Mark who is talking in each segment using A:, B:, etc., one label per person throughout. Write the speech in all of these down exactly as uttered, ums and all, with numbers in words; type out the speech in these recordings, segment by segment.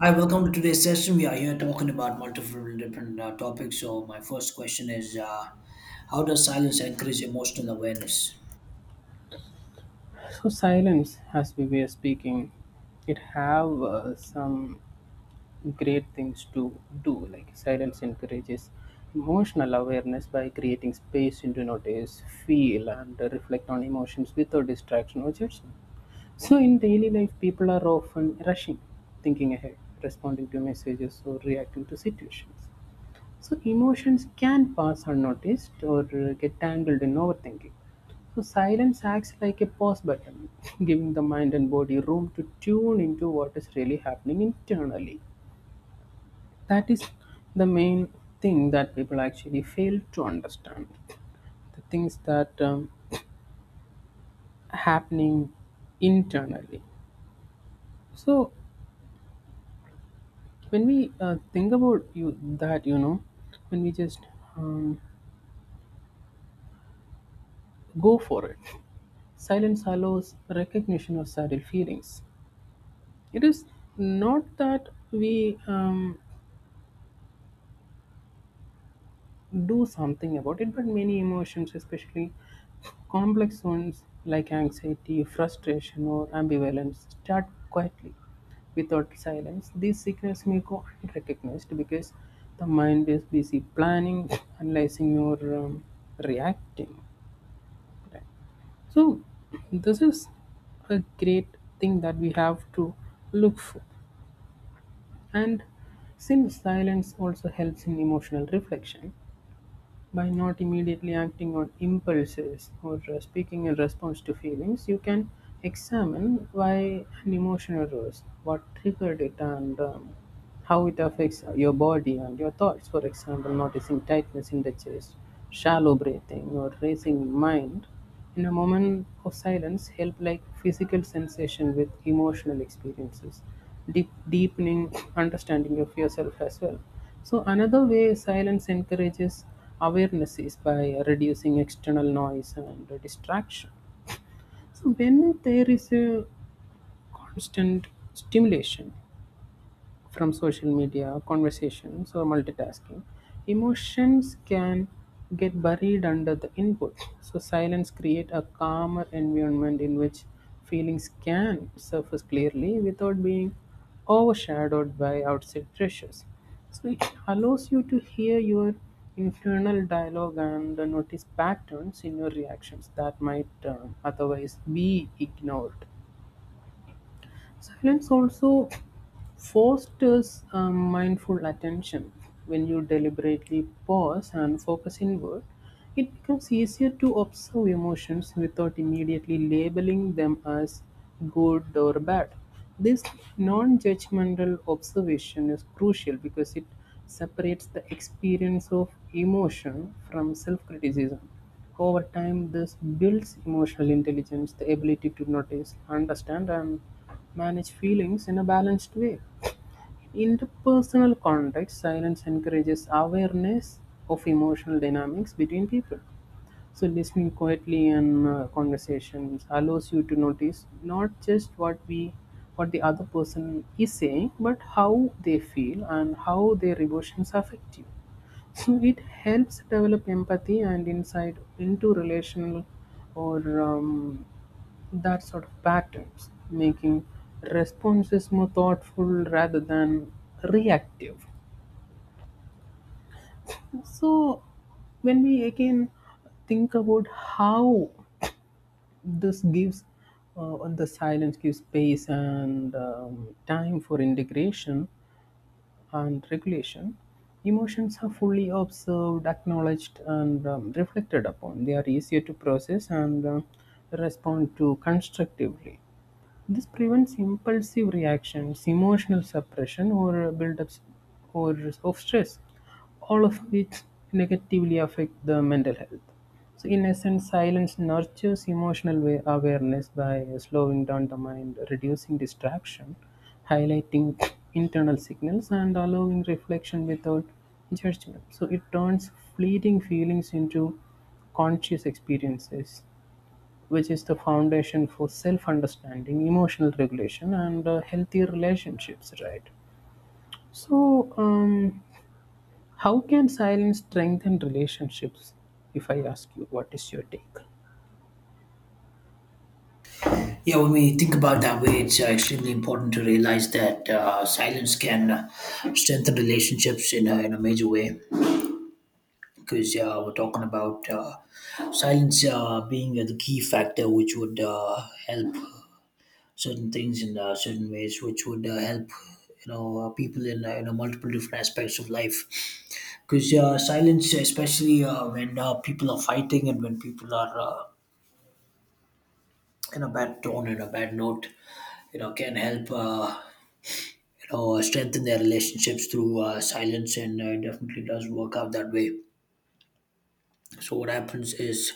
A: Hi, welcome to today's session. We are here talking about multiple different uh, topics. So, my first question is uh, how does silence encourage emotional awareness?
B: So silence, as we were speaking, it have uh, some great things to do. Like silence encourages emotional awareness by creating space to notice, feel, and reflect on emotions without distraction or judgment. So in daily life, people are often rushing, thinking ahead, responding to messages, or reacting to situations. So emotions can pass unnoticed or uh, get tangled in overthinking. So silence acts like a pause button, giving the mind and body room to tune into what is really happening internally. That is the main thing that people actually fail to understand. The things that um, happening internally. So when we uh, think about you that you know, when we just um, go for it, silence allows recognition of subtle feelings. It is not that we um, do something about it, but many emotions, especially complex ones like anxiety, frustration, or ambivalence, start quietly without silence. These signals may go unrecognized because the mind is busy planning, analyzing, or um, reacting. Right. So, this is a great thing that we have to look for. And since silence also helps in emotional reflection, by not immediately acting on impulses or uh, speaking in response to feelings, you can examine why an emotion arose, what triggered it, and um, how it affects your body and your thoughts. For example, noticing tightness in the chest, shallow breathing, or racing mind. In a moment of silence, help like physical sensation with emotional experiences deep, deepening understanding of yourself as well. So another way silence encourages awareness is by reducing external noise and distraction. So when there is a constant stimulation, from social media, conversations, or multitasking, emotions can get buried under the input. So silence create a calmer environment in which feelings can surface clearly without being overshadowed by outside pressures. So it allows you to hear your internal dialogue and uh, notice patterns in your reactions that might uh, otherwise be ignored. Silence also fosters um, mindful attention. When you deliberately pause and focus inward, it becomes easier to observe emotions without immediately labeling them as good or bad. This non judgmental observation is crucial because it separates the experience of emotion from self criticism. Over time, this builds emotional intelligence, the ability to notice, understand, and manage feelings in a balanced way. In the personal context, silence encourages awareness of emotional dynamics between people. So listening quietly in uh, conversations allows you to notice not just what we what the other person is saying, but how they feel and how their emotions affect you. So it helps develop empathy and insight into relational or um, that sort of patterns, making responses more thoughtful rather than reactive. So when we again think about how this gives uh, and the silence gives space and um, time for integration and regulation. Emotions are fully observed, acknowledged, and um, reflected upon. They are easier to process and um respond to constructively. This prevents impulsive reactions, emotional suppression, or a build ups or of stress, all of which negatively affect the mental health. So, in essence, silence nurtures emotional wa- awareness by slowing down the mind, reducing distraction, highlighting internal signals, and allowing reflection without judgment. So, it turns fleeting feelings into conscious experiences which is the foundation for self understanding, emotional regulation, and uh, healthier relationships, right? So, um, how can silence strengthen relationships? If I ask you, what is your take?
A: Yeah, when we think about that way, it's uh, extremely important to realize that uh, silence can uh, strengthen relationships in a, in a major way because uh, we're talking about uh, silence uh, being the key factor which would uh, help certain things in uh, certain ways, which would uh, help you know uh, people in uh, you know multiple different aspects of life. Because uh, silence, especially uh, when uh, people are fighting and when people are uh, in a bad tone and a bad note, you know, can help. Uh, you know, uh, strengthen their relationships through uh, silence, and uh, it definitely does work out that way. So what happens is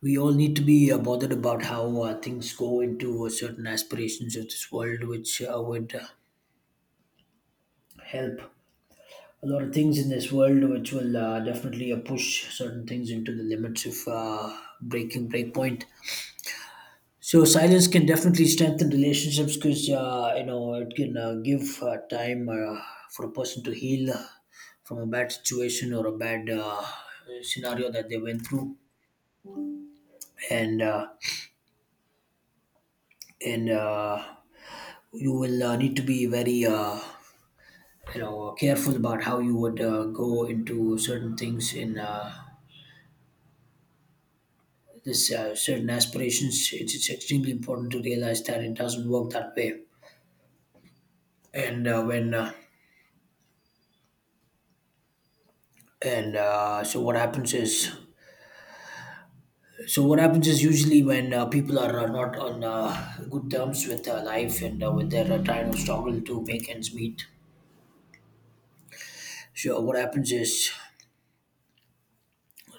A: we all need to be uh, bothered about how uh, things go into uh, certain aspirations of this world, which uh, would uh, help a lot of things in this world which will uh, definitely uh, push certain things into the limits of uh, breaking breakpoint. So silence can definitely strengthen relationships because uh, you know it can uh, give uh, time uh, for a person to heal from a bad situation or a bad uh, scenario that they went through and uh, and uh, you will uh, need to be very uh, you know careful about how you would uh, go into certain things in uh, this uh, certain aspirations. It's, it's extremely important to realize that it doesn't work that way. And uh, when uh, and uh, so what happens is, so what happens is usually when uh, people are uh, not on uh, good terms with uh, life and uh, when they're uh, trying to struggle to make ends meet, so what happens is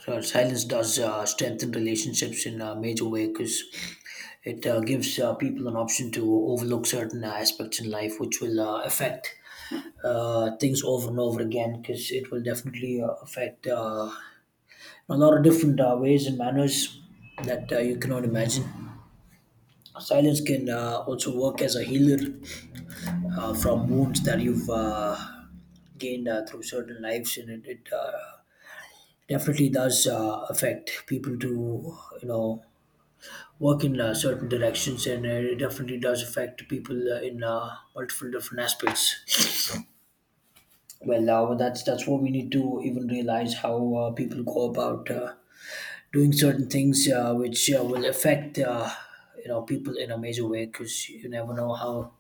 A: uh, silence does uh, strengthen relationships in a major way because it uh, gives uh, people an option to overlook certain uh, aspects in life which will uh, affect uh, things over and over again, because it will definitely uh, affect uh, a lot of different uh, ways and manners that uh, you cannot imagine. Silence can uh, also work as a healer uh, from wounds that you've uh, gained uh, through certain lives, and it, it uh, definitely does uh, affect people to you know work in uh, certain directions, and uh, it definitely does affect people uh, in uh, multiple different aspects. Well, uh, that's that's what we need to even realize, how uh, people go about uh, doing certain things, uh, which uh, will affect uh, you know people in a major way. Because you never know how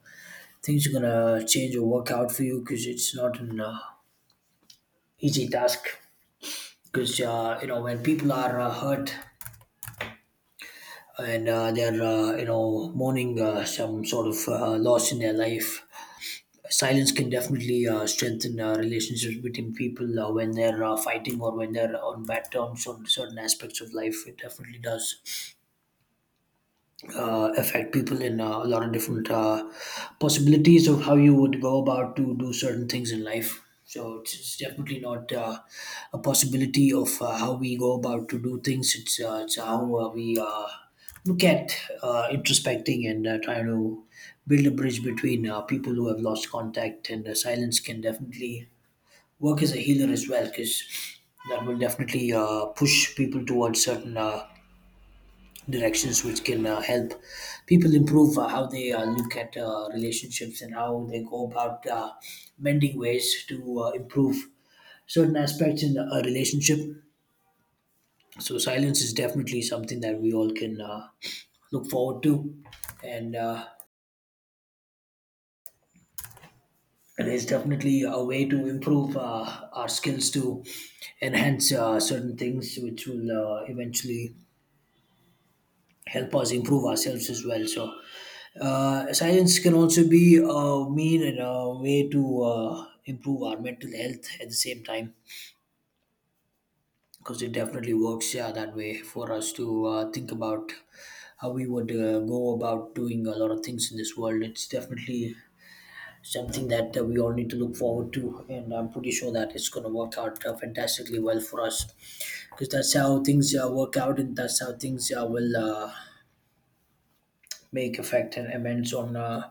A: things are gonna change or work out for you. Because it's not an uh, easy task. Because uh, you know when people are uh, hurt and uh, they're uh, you know mourning uh, some sort of uh, loss in their life, silence can definitely uh, strengthen uh, relationships between people uh, when they're uh, fighting or when they're on bad terms on certain aspects of life. It definitely does uh, affect people in uh, a lot of different uh, possibilities of how you would go about to do certain things in life. So it's, it's definitely not uh, a possibility of uh, how we go about to do things. It's uh, it's how uh, we uh, look at uh, introspecting and uh, trying to build a bridge between uh, people who have lost contact, and uh, silence can definitely work as a healer as well, because that will definitely uh, push people towards certain Uh, directions which can uh, help people improve uh, how they uh, look at uh, relationships and how they go about uh, mending ways to uh, improve certain aspects in a relationship. So silence is definitely something that we all can uh, look forward to, and uh, it is definitely a way to improve uh, our skills to enhance uh, certain things, which will uh, eventually help us improve ourselves as well. So, uh, science can also be a mean and a way to uh, improve our mental health at the same time, because it definitely works, yeah, that way for us to uh, think about how we would uh, go about doing a lot of things in this world. It's definitely something that uh, we all need to look forward to, and I'm pretty sure that it's going to work out uh, fantastically well for us, because that's how things uh, work out, and that's how things uh, will. Uh, make effect and amends on uh,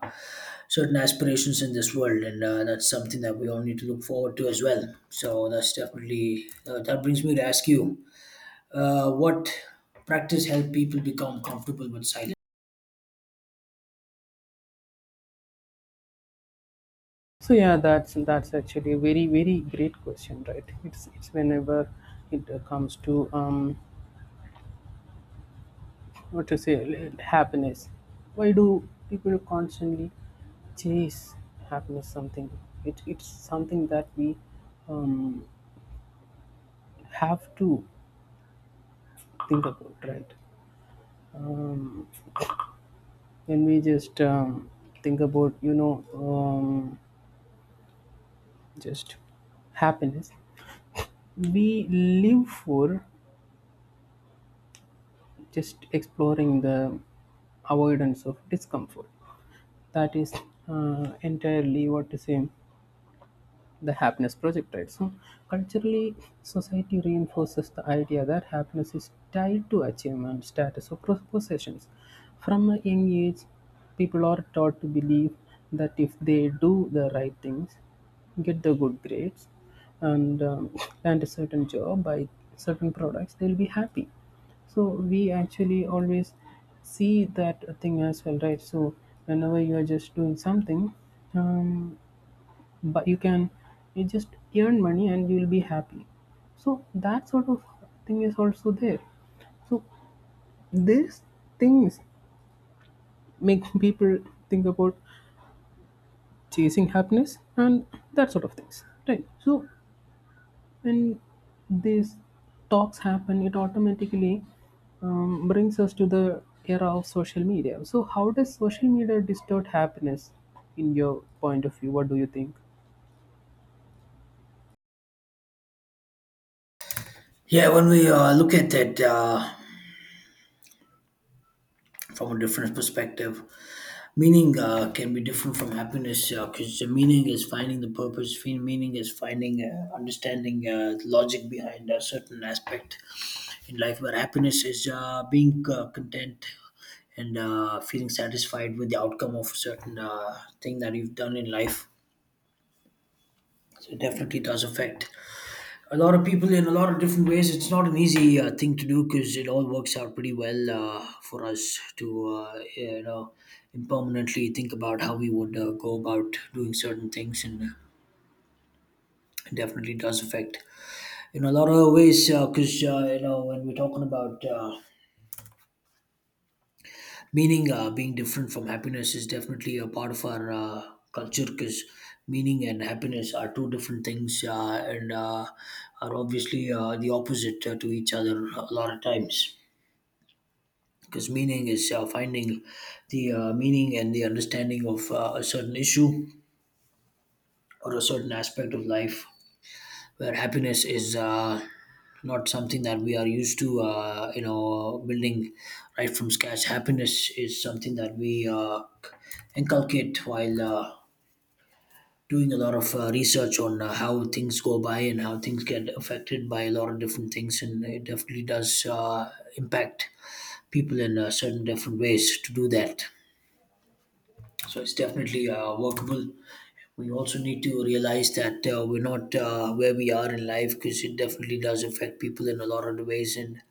A: certain aspirations in this world, and uh, that's something that we all need to look forward to as well. So that's definitely uh, that brings me to ask you, uh, what practice help people become comfortable with silence?
B: So yeah, that's that's actually a very very great question, right? It's it's whenever it uh, comes to um what to say, l- happiness. Why do people constantly chase happiness? Something it, it's something that we um, have to think about, right? um, when we just um, think about, you know um, just happiness, we live for just exploring the avoidance of discomfort. That is uh, entirely what to say, the happiness projectile. So, culturally, society reinforces the idea that happiness is tied to achievement, status, or pos- possessions. From a young age, people are taught to believe that if they do the right things, get the good grades, and um, land a certain job, buy certain products, they'll be happy. So we actually always see that thing as well, right? So whenever you are just doing something, um, but you can you just earn money and you'll be happy, so that sort of thing is also there. So these things make people think about chasing happiness and that sort of things, right? So when these talks happen, it automatically um, brings us to the era of social media. So how does social media distort happiness in your point of view? What do you think?
A: Yeah, when we uh, look at that uh, from a different perspective, meaning uh, can be different from happiness, because the meaning is finding the purpose, fe- meaning is finding uh, understanding uh, the logic behind a certain aspect in life, where happiness is uh, being uh, content and uh, feeling satisfied with the outcome of a certain uh, thing that you've done in life. So it definitely does affect a lot of people in a lot of different ways. It's not an easy uh, thing to do, because it all works out pretty well uh, for us to, uh, you know, impermanently think about how we would uh, go about doing certain things, and it definitely does affect in a lot of ways because, uh, you know, when we're talking about uh, meaning uh, being different from happiness, is definitely a part of our uh, culture, because meaning and happiness are two different things, uh, and uh, are obviously uh, the opposite uh, to each other a lot of times, because meaning is uh, finding the uh, meaning and the understanding of uh, a certain issue or a certain aspect of life, where happiness is uh, not something that we are used to, uh, you know, building right from scratch. Happiness is something that we uh, inculcate while uh, doing a lot of uh, research on uh, how things go by and how things get affected by a lot of different things, and it definitely does uh, impact people in uh, certain different ways to do that. So it's definitely uh, workable. We also need to realize that uh, we're not uh, where we are in life, because it definitely does affect people in a lot of the ways, and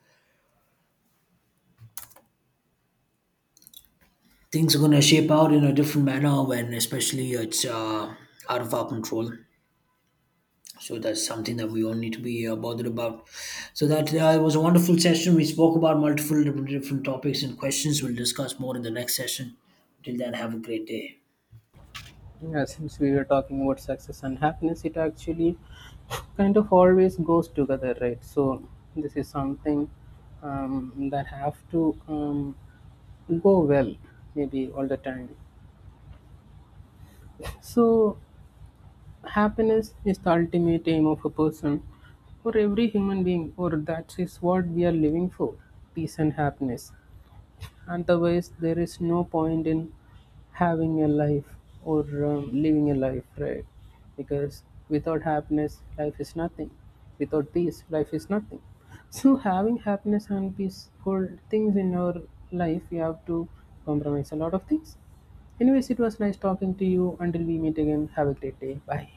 A: things are going to shape out in a different manner when, especially, it's uh, out of our control. So that's something that we all need to be uh, bothered about. So that uh, it was a wonderful session. We spoke about multiple different different topics and questions. We'll discuss more in the next session. Till then, have a great day.
B: Yeah, since we were talking about success and happiness, it actually kind of always goes together, right? So this is something um, that have to um, go well, maybe all the time. So happiness is the ultimate aim of a person or every human being, or that is what we are living for, peace and happiness. Otherwise, there is no point in having a life or um, living a life, right? Because without happiness, life is nothing. Without peace, life is nothing. So, having happiness and peaceful things in your life, we have to compromise a lot of things. Anyways, it was nice talking to you. Until we meet again, have a great day. Bye.